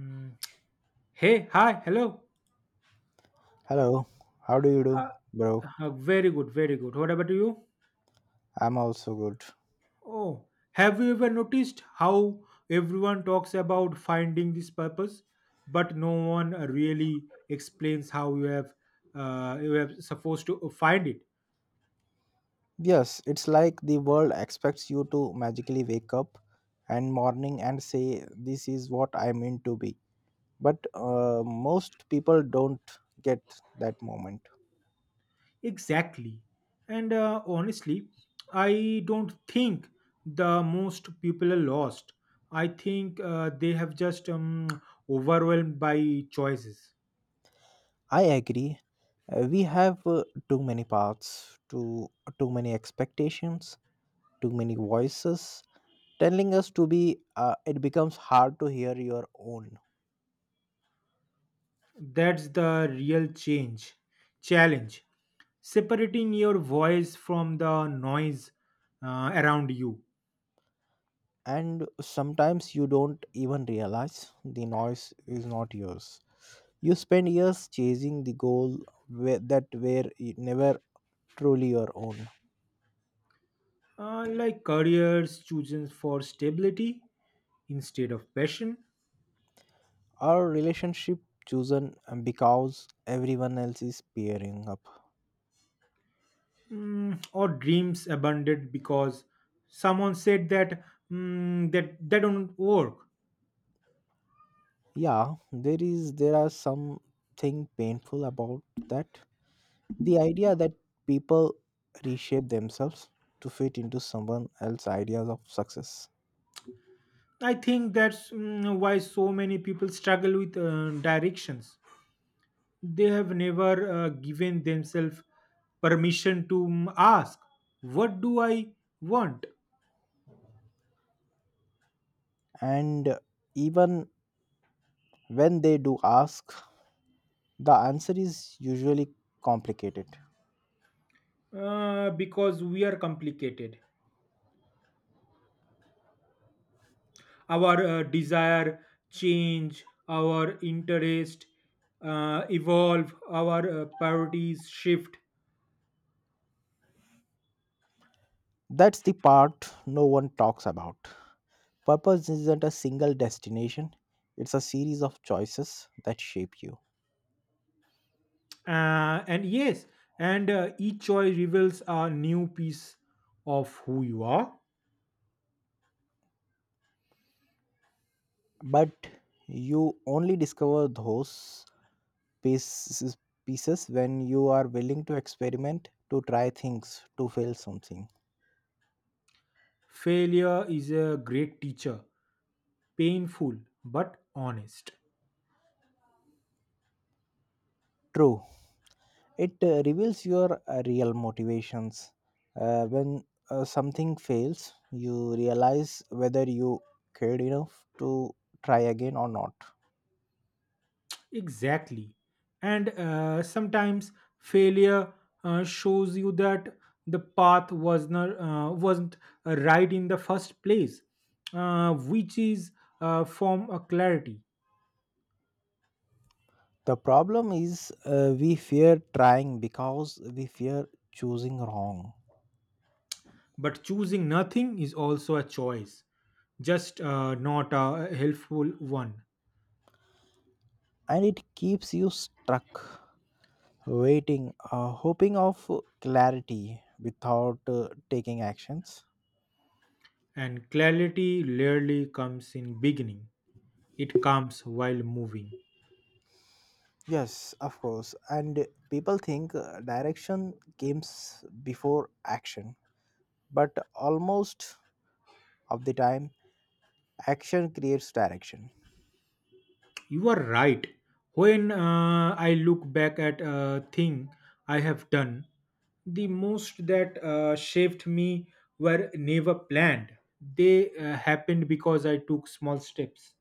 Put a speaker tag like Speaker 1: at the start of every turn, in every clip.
Speaker 1: Mm. Hey, hi, hello.
Speaker 2: Hello, how do you do,
Speaker 1: Uh,
Speaker 2: bro?
Speaker 1: very good, very good. What about you?
Speaker 2: I'm also good.
Speaker 1: Oh, have you ever noticed how everyone talks about finding this purpose, but no one really explains how you have supposed to find it.
Speaker 2: Yes, it's like the world expects you to magically wake up and morning and say, This is what I meant to be. But most people don't get that moment.
Speaker 1: Exactly. And honestly, I don't think the most people are lost. I think they have just overwhelmed by choices.
Speaker 2: I agree. We have too many paths, too many expectations, too many voices telling us to be, it becomes hard to hear your own.
Speaker 1: That's the real change challenge. Separating your voice from the noise around you.
Speaker 2: And sometimes you don't even realize the noise is not yours. You spend years chasing the goal where, that were never truly your own.
Speaker 1: Like careers chosen for stability instead of passion,
Speaker 2: Our relationship chosen because everyone else is pairing up.
Speaker 1: or dreams abandoned because someone said that they don't work.
Speaker 2: Yeah, there are something painful about that. The idea that people reshape themselves to fit into someone else's ideas of success.
Speaker 1: I think that's why so many people struggle with directions. They have never given themselves permission to ask, what do I want?
Speaker 2: And even when they do ask the answer is usually complicated.
Speaker 1: Because we are complicated. Our desire change, our interest evolve, our priorities shift.
Speaker 2: That's the part no one talks about. Purpose isn't a single destination, it's a series of choices that shape you.
Speaker 1: And yes, and each choice reveals a new piece of who you are.
Speaker 2: But you only discover those pieces, pieces when you are willing to experiment, to try things, to fail something.
Speaker 1: Failure is a great teacher, painful but honest.
Speaker 2: True, it reveals your real motivations when something fails you realize whether you cared enough to try again or not.
Speaker 1: Exactly. And sometimes failure shows you that the path was not, wasn't right in the first place, which is a form of clarity.
Speaker 2: The problem is we fear trying because we fear choosing wrong,
Speaker 1: But choosing nothing is also a choice, just not a helpful one.
Speaker 2: and it keeps you stuck waiting, hoping of clarity without taking actions.
Speaker 1: And clarity rarely comes in beginning, it comes while moving.
Speaker 2: Yes, of course. And people think direction comes before action, but almost of the time, action creates direction.
Speaker 1: You are right. When I look back at a thing I have done, the most that shaped me were never planned. They happened because I took small steps.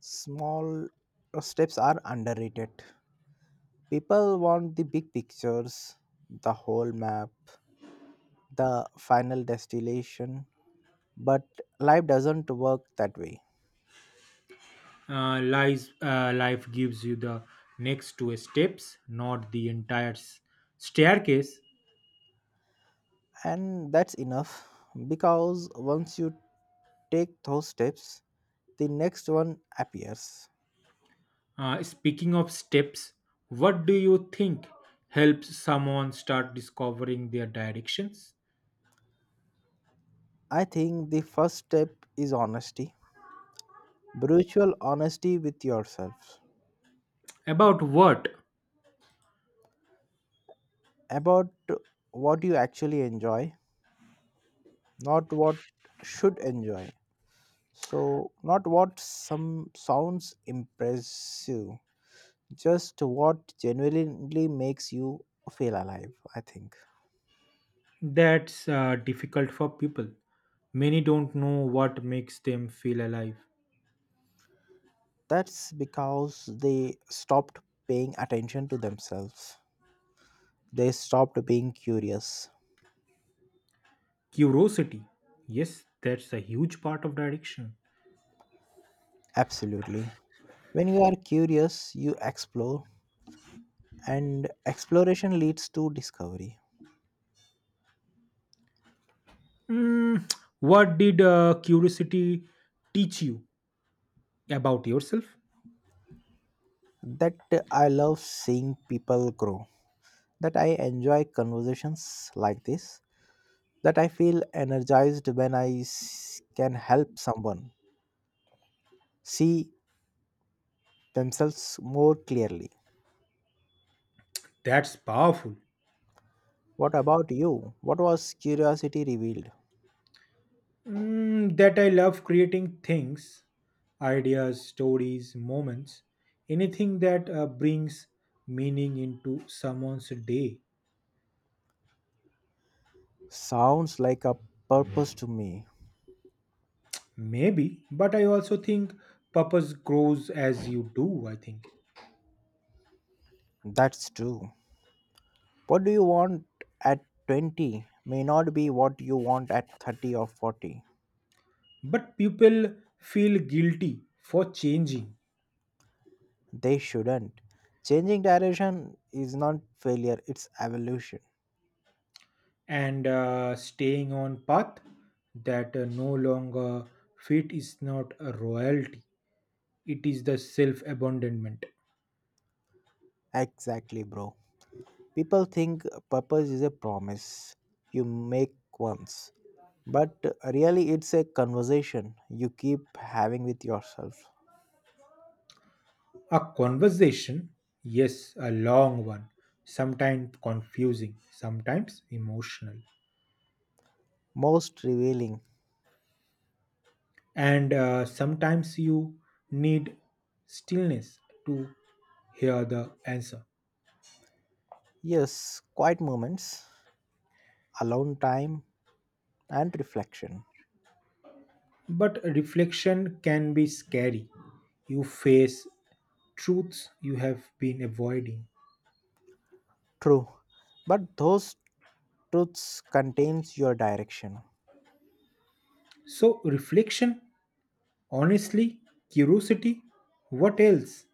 Speaker 2: Small steps are underrated. People want the big pictures, the whole map, the final destination, but life doesn't work that way.
Speaker 1: Life gives you the next two steps, not the entire staircase.
Speaker 2: And that's enough because once you take those steps the next one appears.
Speaker 1: Speaking of steps, what do you think helps someone start discovering their directions?
Speaker 2: I think the first step is honesty, brutal honesty with yourself,
Speaker 1: About what?
Speaker 2: about what you actually enjoy, not what should enjoy, so not what some sounds impressive, just what genuinely makes you feel alive I think.
Speaker 1: That's difficult for people. Many don't know what makes them feel alive.
Speaker 2: That's because they stopped paying attention to themselves. They stopped being curious.
Speaker 1: Curiosity. Yes, that's a huge part of direction.
Speaker 2: Absolutely. When you are curious, you explore, and exploration leads to discovery.
Speaker 1: Mm, what did curiosity teach you about yourself?
Speaker 2: That I love seeing people grow, that I enjoy conversations like this, that I feel energized when can help someone see themselves more clearly.
Speaker 1: That's powerful.
Speaker 2: What about you? What was curiosity revealed?
Speaker 1: That I love creating things, ideas, stories, moments, anything that brings meaning into someone's day.
Speaker 2: Sounds like a purpose to me.
Speaker 1: Maybe, but I also think purpose grows as you do, I think.
Speaker 2: That's true. What do you want at 20 may not be what you want at 30 or 40.
Speaker 1: But people feel guilty for changing.
Speaker 2: They shouldn't. Changing direction is not failure, it's evolution.
Speaker 1: And staying on path that no longer fit is not a royalty. It is the self-abandonment.
Speaker 2: Exactly, bro. People think purpose is a promise you make once, but really it's a conversation you keep having with yourself.
Speaker 1: A conversation, yes, a long one, sometimes confusing, sometimes emotional,
Speaker 2: Most revealing,
Speaker 1: and sometimes you need stillness to hear the answer.
Speaker 2: yes, quiet moments, alone time, and reflection.
Speaker 1: But reflection can be scary. You face truths you have been avoiding.
Speaker 2: True, but those truth contains your direction.
Speaker 1: So reflection, honestly, curiosity, what else?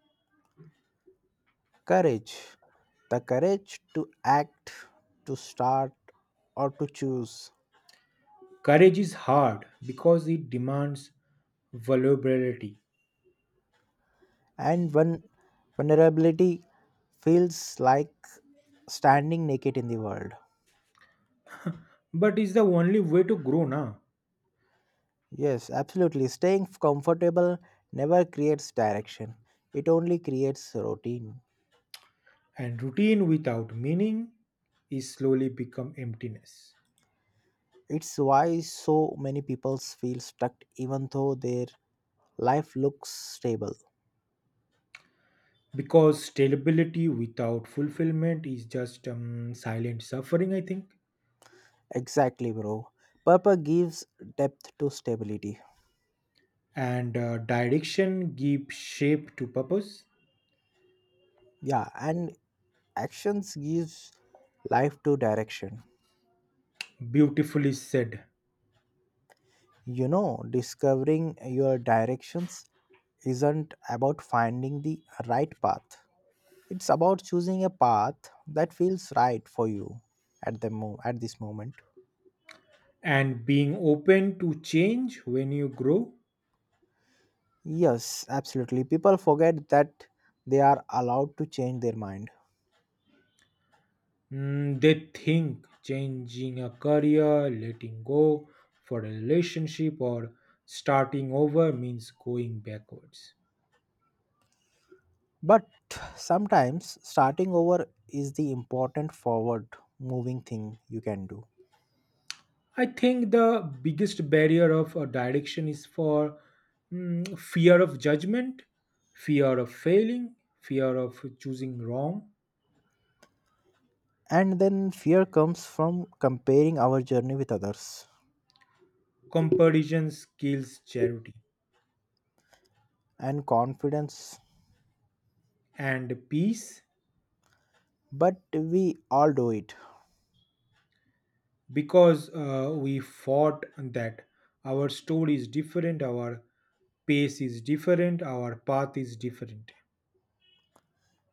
Speaker 2: Courage, the courage to act, to start, or to choose.
Speaker 1: Courage is hard because it demands vulnerability.
Speaker 2: And when vulnerability feels like standing naked in the world.
Speaker 1: But it's the only way to grow now.
Speaker 2: Yes, absolutely. Staying comfortable never creates direction, it only creates routine.
Speaker 1: And routine without meaning is slowly become emptiness.
Speaker 2: It's why so many people feel stuck even though their life looks stable.
Speaker 1: Because stability without fulfillment is just silent suffering, I think.
Speaker 2: Exactly, bro. Purple gives depth to stability.
Speaker 1: And direction gives shape to purpose.
Speaker 2: Yeah, and actions gives life to direction.
Speaker 1: Beautifully said.
Speaker 2: You know, discovering your directions isn't about finding the right path. It's about choosing a path that feels right for you at at this moment.
Speaker 1: And being open to change when you grow.
Speaker 2: Yes, absolutely. People forget that they are allowed to change their mind.
Speaker 1: They think changing a career, letting go for a relationship, or starting over means going backwards.
Speaker 2: But sometimes starting over is the important forward moving thing you can do.
Speaker 1: I think the biggest barrier of direction is for fear of judgment, fear of failing, fear of choosing wrong.
Speaker 2: And then fear comes from comparing our journey with others
Speaker 1: Comparison kills charity
Speaker 2: and confidence.
Speaker 1: and peace.
Speaker 2: But we all do it.
Speaker 1: Because we fought that our story is different, our pace is different, our path is different.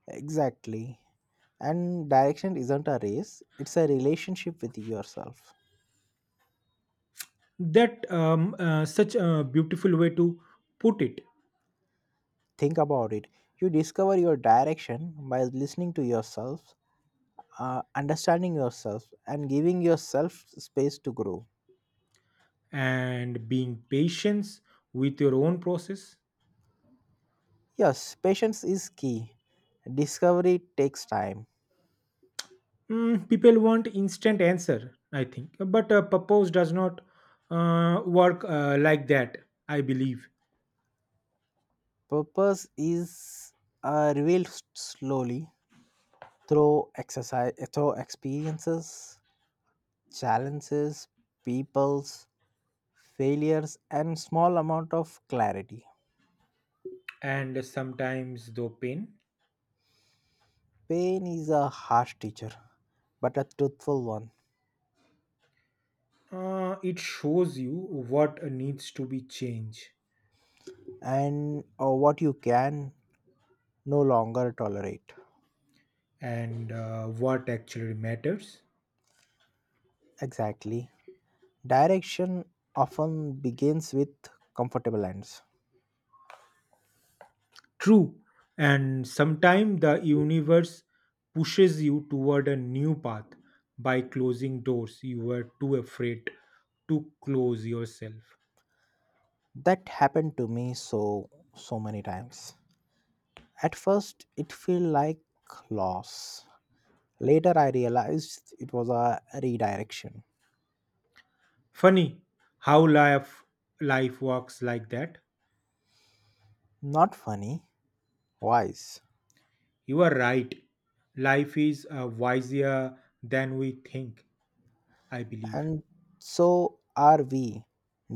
Speaker 2: Exactly. And direction isn't a race, it's a relationship with yourself.
Speaker 1: That such a beautiful way to put it.
Speaker 2: Think about it. You discover your direction by listening to yourself, understanding yourself, and giving yourself space to grow.
Speaker 1: And being patient with your own process.
Speaker 2: Yes, patience is key. Discovery takes time.
Speaker 1: People want instant answer, I think. But purpose does not work like that, I believe.
Speaker 2: Purpose is revealed slowly through exercise, through experiences, challenges, people's failures, and small amount of clarity.
Speaker 1: And sometimes, though pain,
Speaker 2: Pain is a harsh teacher, but a truthful one,
Speaker 1: it shows you what needs to be changed
Speaker 2: and what you can no longer tolerate.
Speaker 1: and what actually matters.
Speaker 2: Exactly. Direction often begins with comfortable ends.
Speaker 1: True. And sometimes the universe pushes you toward a new path by closing doors you were too afraid to close yourself.
Speaker 2: That happened to me so so many times. At first it felt like loss, later I realized it was a redirection.
Speaker 1: Funny how life works like that.
Speaker 2: Not funny, wise.
Speaker 1: You are right. Life is wiser than we think, I believe.
Speaker 2: And so are we,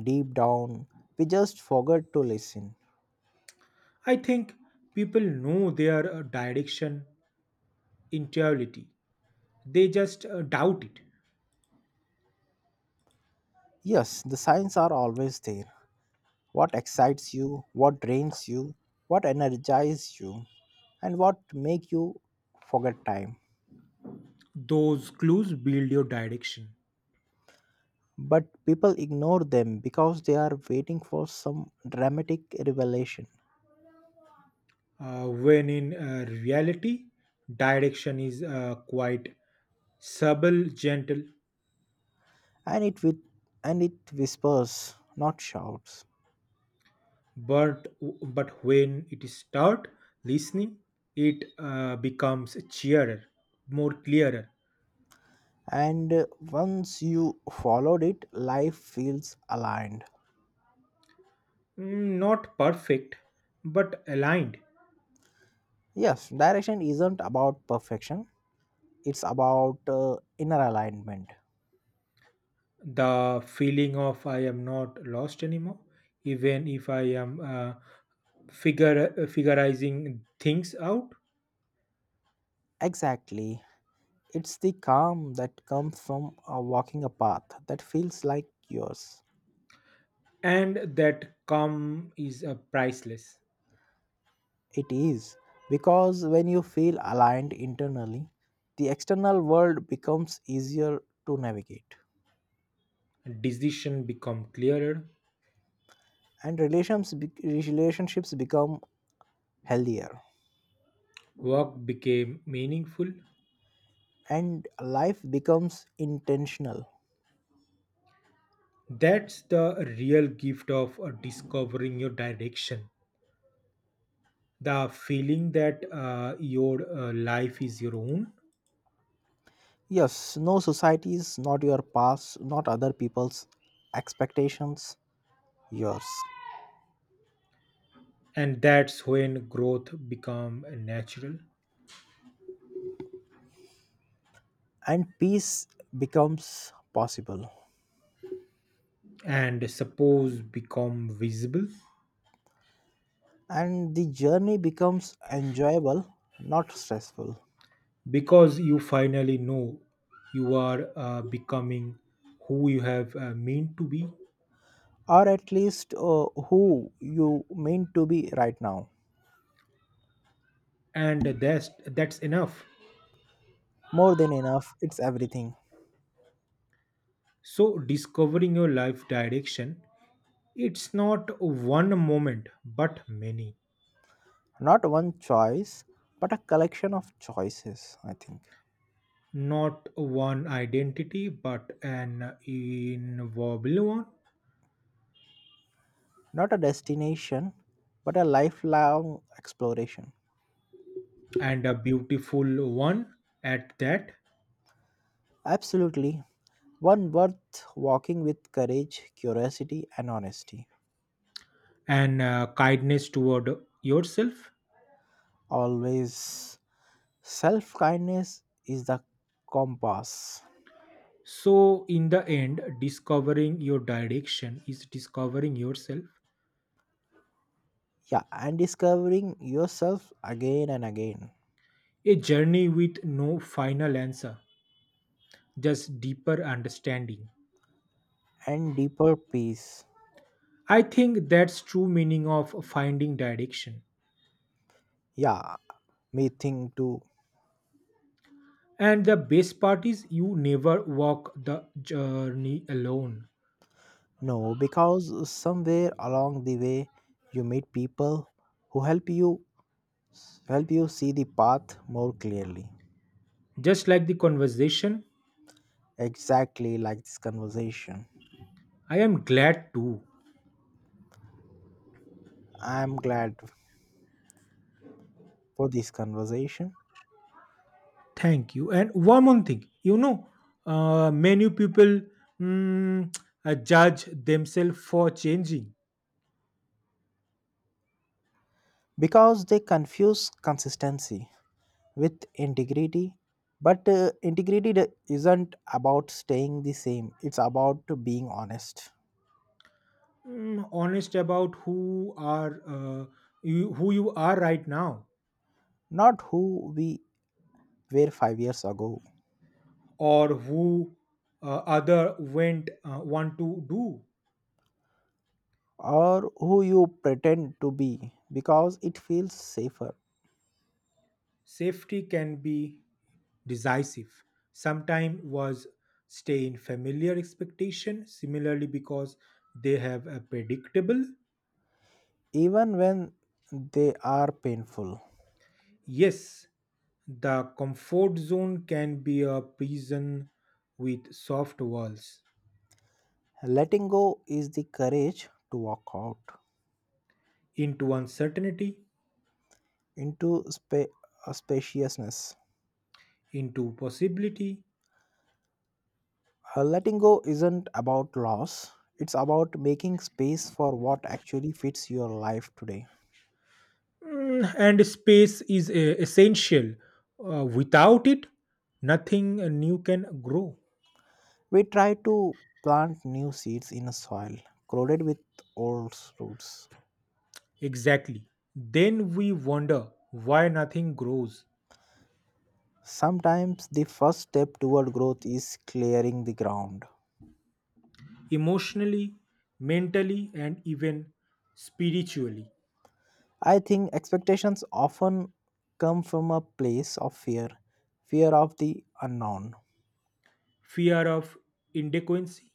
Speaker 2: deep down. We just forgot to listen.
Speaker 1: I think people know their direction intuitively. They just doubt it.
Speaker 2: Yes, the signs are always there. What excites you, what drains you, what energizes you, and what make you forget time.
Speaker 1: Those clues build your direction.
Speaker 2: But people ignore them because they are waiting for some dramatic revelation.
Speaker 1: When in reality, direction is quite subtle, gentle,
Speaker 2: And it with, and it whispers not shouts.
Speaker 1: but but when it is start listening, it becomes clearer, more clearer.
Speaker 2: And once you followed it life feels aligned.
Speaker 1: Not perfect but aligned.
Speaker 2: Yes, direction isn't about perfection, it's about inner alignment.
Speaker 1: The feeling of I am not lost anymore, even if I am figure figurizing things out.
Speaker 2: Exactly, it's the calm that comes from walking a path that feels like yours.
Speaker 1: And that calm is a priceless.
Speaker 2: It is because when you feel aligned internally, the external world becomes easier to navigate,
Speaker 1: Decision become clearer.
Speaker 2: and relationships become healthier,
Speaker 1: Work became meaningful.
Speaker 2: and life becomes intentional.
Speaker 1: That's the real gift of discovering your direction. The feeling that your life is your own,
Speaker 2: Yes, no society is not your past, not other people's expectations, yours,
Speaker 1: and that's when growth become natural
Speaker 2: and peace becomes possible,
Speaker 1: and suppose become visible,
Speaker 2: and the journey becomes enjoyable, not stressful.
Speaker 1: because you finally know you are becoming who you have meant to be,
Speaker 2: Or at least who you mean to be right now.
Speaker 1: and that's enough.
Speaker 2: More than enough, it's everything.
Speaker 1: So discovering your life direction, it's not one moment but many,
Speaker 2: Not one choice, but a collection of choices, I think.
Speaker 1: not one identity but an inviolable one,
Speaker 2: Not a destination, but a lifelong exploration.
Speaker 1: and a beautiful one at that.
Speaker 2: Absolutely. One worth walking with courage, curiosity, and honesty.
Speaker 1: And kindness toward yourself.
Speaker 2: Always. Self kindness is the compass.
Speaker 1: So in the end, discovering your direction is discovering yourself.
Speaker 2: Yeah, and discovering yourself again and again.
Speaker 1: A journey with no final answer, just deeper understanding.
Speaker 2: And deeper peace.
Speaker 1: I think that's true meaning of finding direction.
Speaker 2: Yeah, me think too.
Speaker 1: And the best part is you never walk the journey alone.
Speaker 2: No, because somewhere along the way you meet people who help you see the path more clearly.
Speaker 1: Just like the conversation.
Speaker 2: Exactly like this conversation.
Speaker 1: I am glad too.
Speaker 2: I'm glad for this conversation
Speaker 1: Thank you. And one more thing, many people mm, judge themselves for changing.
Speaker 2: because they confuse consistency with integrity. But integrity isn't about staying the same. It's about being honest.
Speaker 1: Honest about who are you, who you are right now,
Speaker 2: Not who we were 5 years ago
Speaker 1: or who other went want to do.
Speaker 2: or who you pretend to be because it feels safer,
Speaker 1: Safety can be decisive. Sometimes was stay in familiar expectation, similarly because they have a predictable.
Speaker 2: even when they are painful.
Speaker 1: Yes, the comfort zone can be a prison with soft walls,
Speaker 2: Letting go is the courage to walk out
Speaker 1: into uncertainty,
Speaker 2: into spaciousness.
Speaker 1: into possibility.
Speaker 2: Letting go isn't about loss, it's about making space for what actually fits your life today.
Speaker 1: And space is essential. Without it, nothing new can grow.
Speaker 2: We try to plant new seeds in a soil crowded with old roots.
Speaker 1: Exactly. Then we wonder why nothing grows
Speaker 2: Sometimes the first step toward growth is clearing the ground.
Speaker 1: emotionally, mentally, and even spiritually.
Speaker 2: I think expectations often come from a place of fear, fear of the unknown.
Speaker 1: Fear of inadequacy,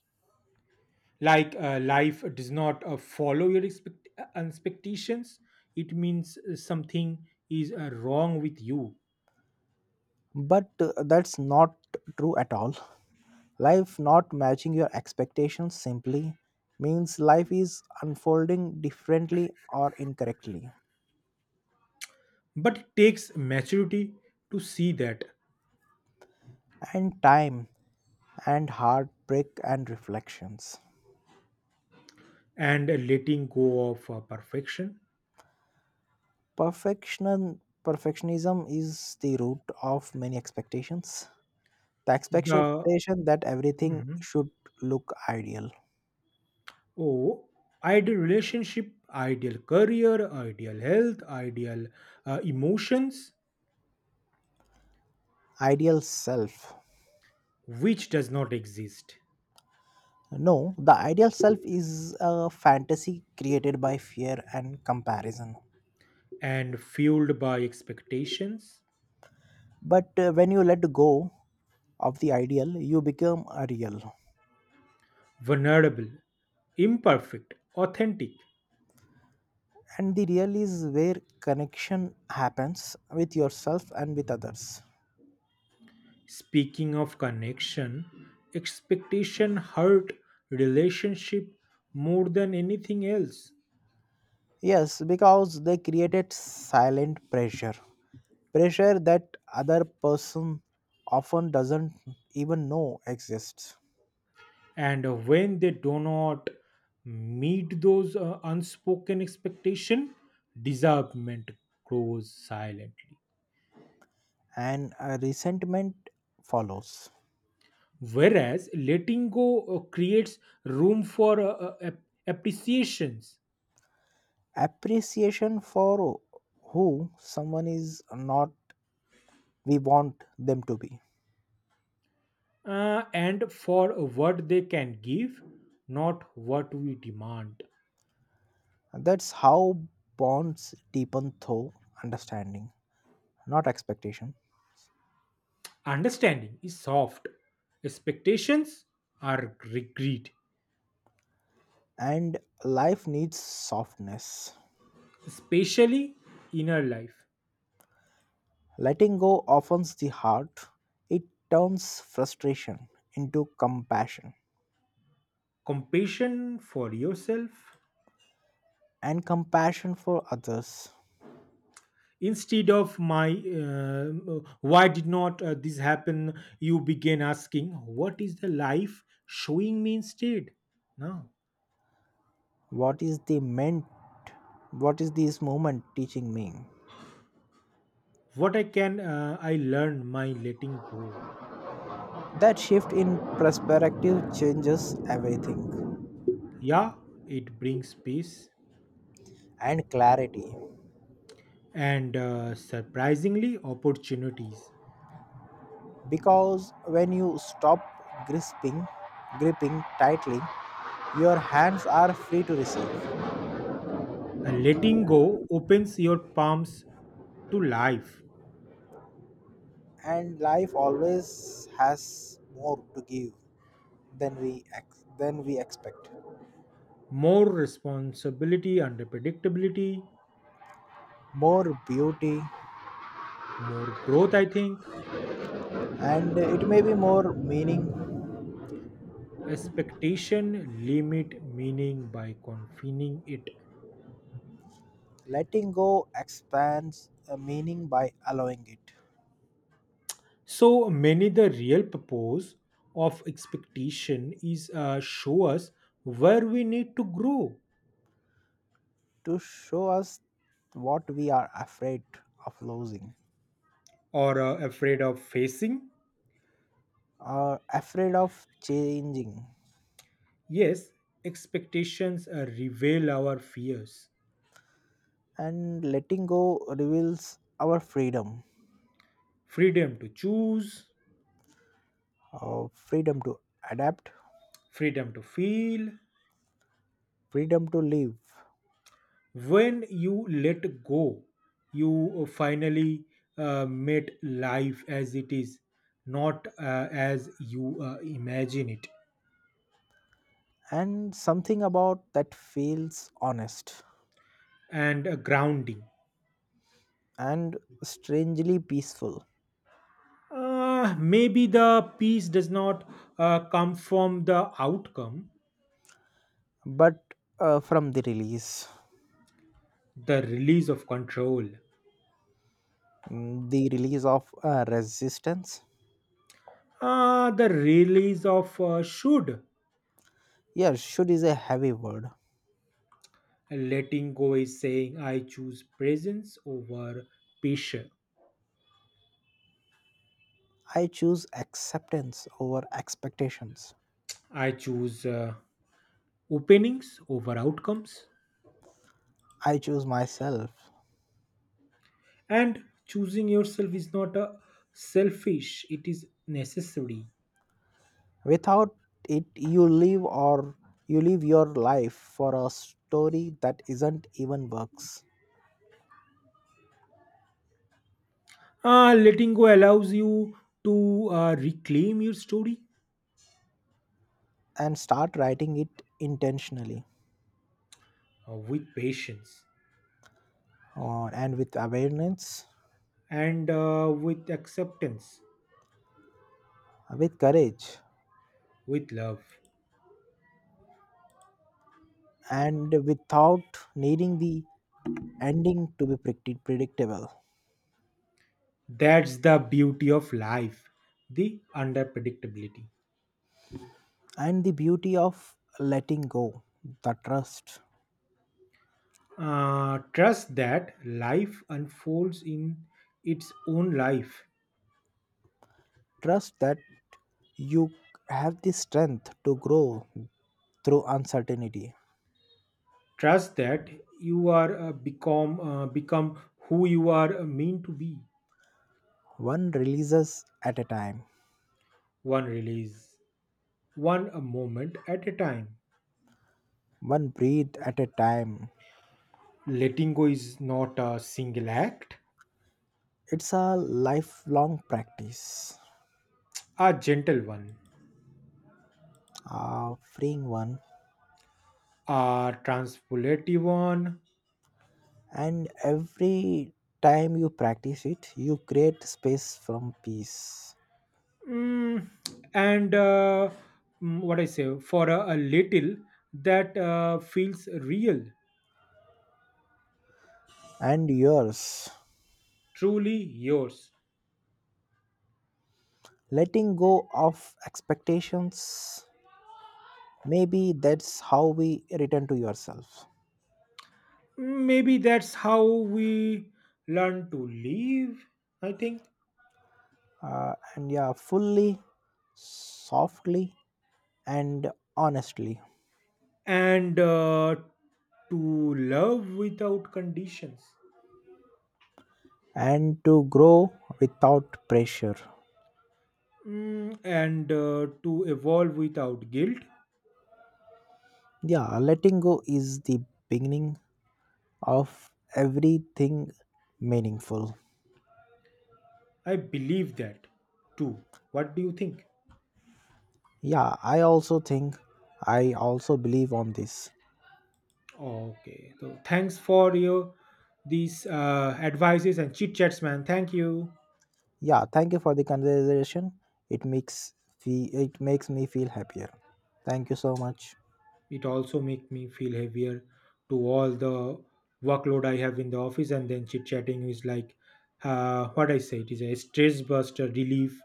Speaker 1: like life does not follow your expectations. It means something is wrong with you.
Speaker 2: But that's not true at all. Life not matching your expectations simply means life is unfolding differently or incorrectly.
Speaker 1: But it takes maturity to see that,
Speaker 2: And time and heartbreak and reflections.
Speaker 1: and letting go of perfection.
Speaker 2: Perfection perfectionism is the root of many expectations. The
Speaker 1: The
Speaker 2: expectation that everything
Speaker 1: Mhm.
Speaker 2: should look ideal,
Speaker 1: Oh, ideal relationship, ideal career, ideal health, ideal emotions,
Speaker 2: ideal self.
Speaker 1: which does not exist,
Speaker 2: No, the ideal self is a fantasy created by fear and comparison.
Speaker 1: and fueled by expectations,
Speaker 2: But when you let go of the ideal you become a real.
Speaker 1: vulnerable, imperfect, authentic.
Speaker 2: And the real is where connection happens with yourself and with others.
Speaker 1: Speaking of connection, expectation hurt relationship more than anything else.
Speaker 2: Yes, because they created silent pressure, pressure that other person often doesn't even know exists.
Speaker 1: And when they do not meet those unspoken expectation, disappointment grows silently,
Speaker 2: And a resentment follows.
Speaker 1: whereas letting go creates room for appreciations,
Speaker 2: Appreciation for who someone is, not we want them to be.
Speaker 1: and for what they can give, not what we demand.
Speaker 2: That's how bonds deepen through understanding, not expectation.
Speaker 1: Understanding is soft, expectations are regret,
Speaker 2: And life needs softness.
Speaker 1: especially inner life.
Speaker 2: Letting go offends the heart, it turns frustration into compassion
Speaker 1: Compassion for yourself,
Speaker 2: and compassion for others.
Speaker 1: instead of my, why did not this happen, you begin asking, what is the life showing me instead now,
Speaker 2: What is the meant? What is this moment teaching me?
Speaker 1: what I can I learn my letting go.
Speaker 2: That shift in perspective changes everything
Speaker 1: Yeah, it brings peace
Speaker 2: and clarity
Speaker 1: and surprisingly opportunities.
Speaker 2: because when you stop grasping, gripping tightly, your hands are free to receive,
Speaker 1: A letting go opens your palms to life,
Speaker 2: and life always has more to give than than we expect.
Speaker 1: more responsibility and predictability,
Speaker 2: More beauty,
Speaker 1: more growth, I think.
Speaker 2: and it may be more meaning.
Speaker 1: Expectation limit meaning by confining it.
Speaker 2: Letting go expands a meaning by allowing it.
Speaker 1: So many the real purpose of expectation is show us where we need to grow,
Speaker 2: To show us what we are afraid of losing,
Speaker 1: or afraid of facing.
Speaker 2: are afraid of changing.
Speaker 1: Yes, expectations reveal our fears.
Speaker 2: And letting go reveals our freedom,
Speaker 1: Freedom to choose,
Speaker 2: uh, freedom to adapt,
Speaker 1: freedom to feel.
Speaker 2: freedom to live.
Speaker 1: When you let go, you finally met life as it is, not as you imagine it.
Speaker 2: And something about that feels honest
Speaker 1: And grounding.
Speaker 2: and strangely peaceful.
Speaker 1: Maybe the peace does not come from the outcome.
Speaker 2: But from the release,
Speaker 1: The release of control,
Speaker 2: mm, the release of resistance.
Speaker 1: the release of should.
Speaker 2: Yes, should is a heavy word.
Speaker 1: Letting go is saying, I choose presence over pressure.
Speaker 2: I choose acceptance over expectations.
Speaker 1: I choose openings over outcomes.
Speaker 2: I choose myself.
Speaker 1: And choosing yourself is not a selfish, it is necessary.
Speaker 2: Without it, you live your life for a story that isn't even works.
Speaker 1: Letting go allows you to reclaim your story,
Speaker 2: And start writing it intentionally,
Speaker 1: with patience,
Speaker 2: and with awareness,
Speaker 1: and with acceptance,
Speaker 2: with courage,
Speaker 1: with love.
Speaker 2: and without needing the ending to be predictable.
Speaker 1: That's the beauty of life, the unpredictability.
Speaker 2: And the beauty of letting go, the trust,
Speaker 1: Trust that life unfolds in its own life.
Speaker 2: trust that you have the strength to grow through uncertainty,
Speaker 1: Trust that you are become who you are meant to be.
Speaker 2: one releases at a time.
Speaker 1: One release, one a moment at a time.
Speaker 2: One breath at a time.
Speaker 1: Letting go is not a single act,
Speaker 2: It's a lifelong practice,
Speaker 1: a gentle one,
Speaker 2: a freeing one,
Speaker 1: a transpolative one.
Speaker 2: and every time you practice it, you create space from peace
Speaker 1: Mm, and what I say for a little that feels real,
Speaker 2: and yours.
Speaker 1: truly yours.
Speaker 2: Letting go of expectations, maybe that's how we return to yourself.
Speaker 1: Maybe that's how we learn to live, I think,
Speaker 2: And yeah, fully, softly, and honestly,
Speaker 1: and to love without conditions.
Speaker 2: and to grow without pressure.
Speaker 1: And to evolve without guilt.
Speaker 2: Yeah, letting go is the beginning of everything meaningful.
Speaker 1: I believe that too. What do you think?
Speaker 2: Yeah, I also believe on this.
Speaker 1: Okay, so thanks for your these advices and chit chats, man. Thank you.
Speaker 2: Yeah, thank you for the conversation. It makes it makes me feel happier. Thank you so much.
Speaker 1: It also make me feel heavier to all the workload I have in the office, and then chit chatting is like, what I say, it is a stress buster relief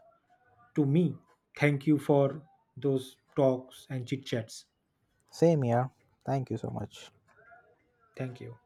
Speaker 1: to me. Thank you for those talks and chit chats.
Speaker 2: Same here. Thank you so much.
Speaker 1: Thank you.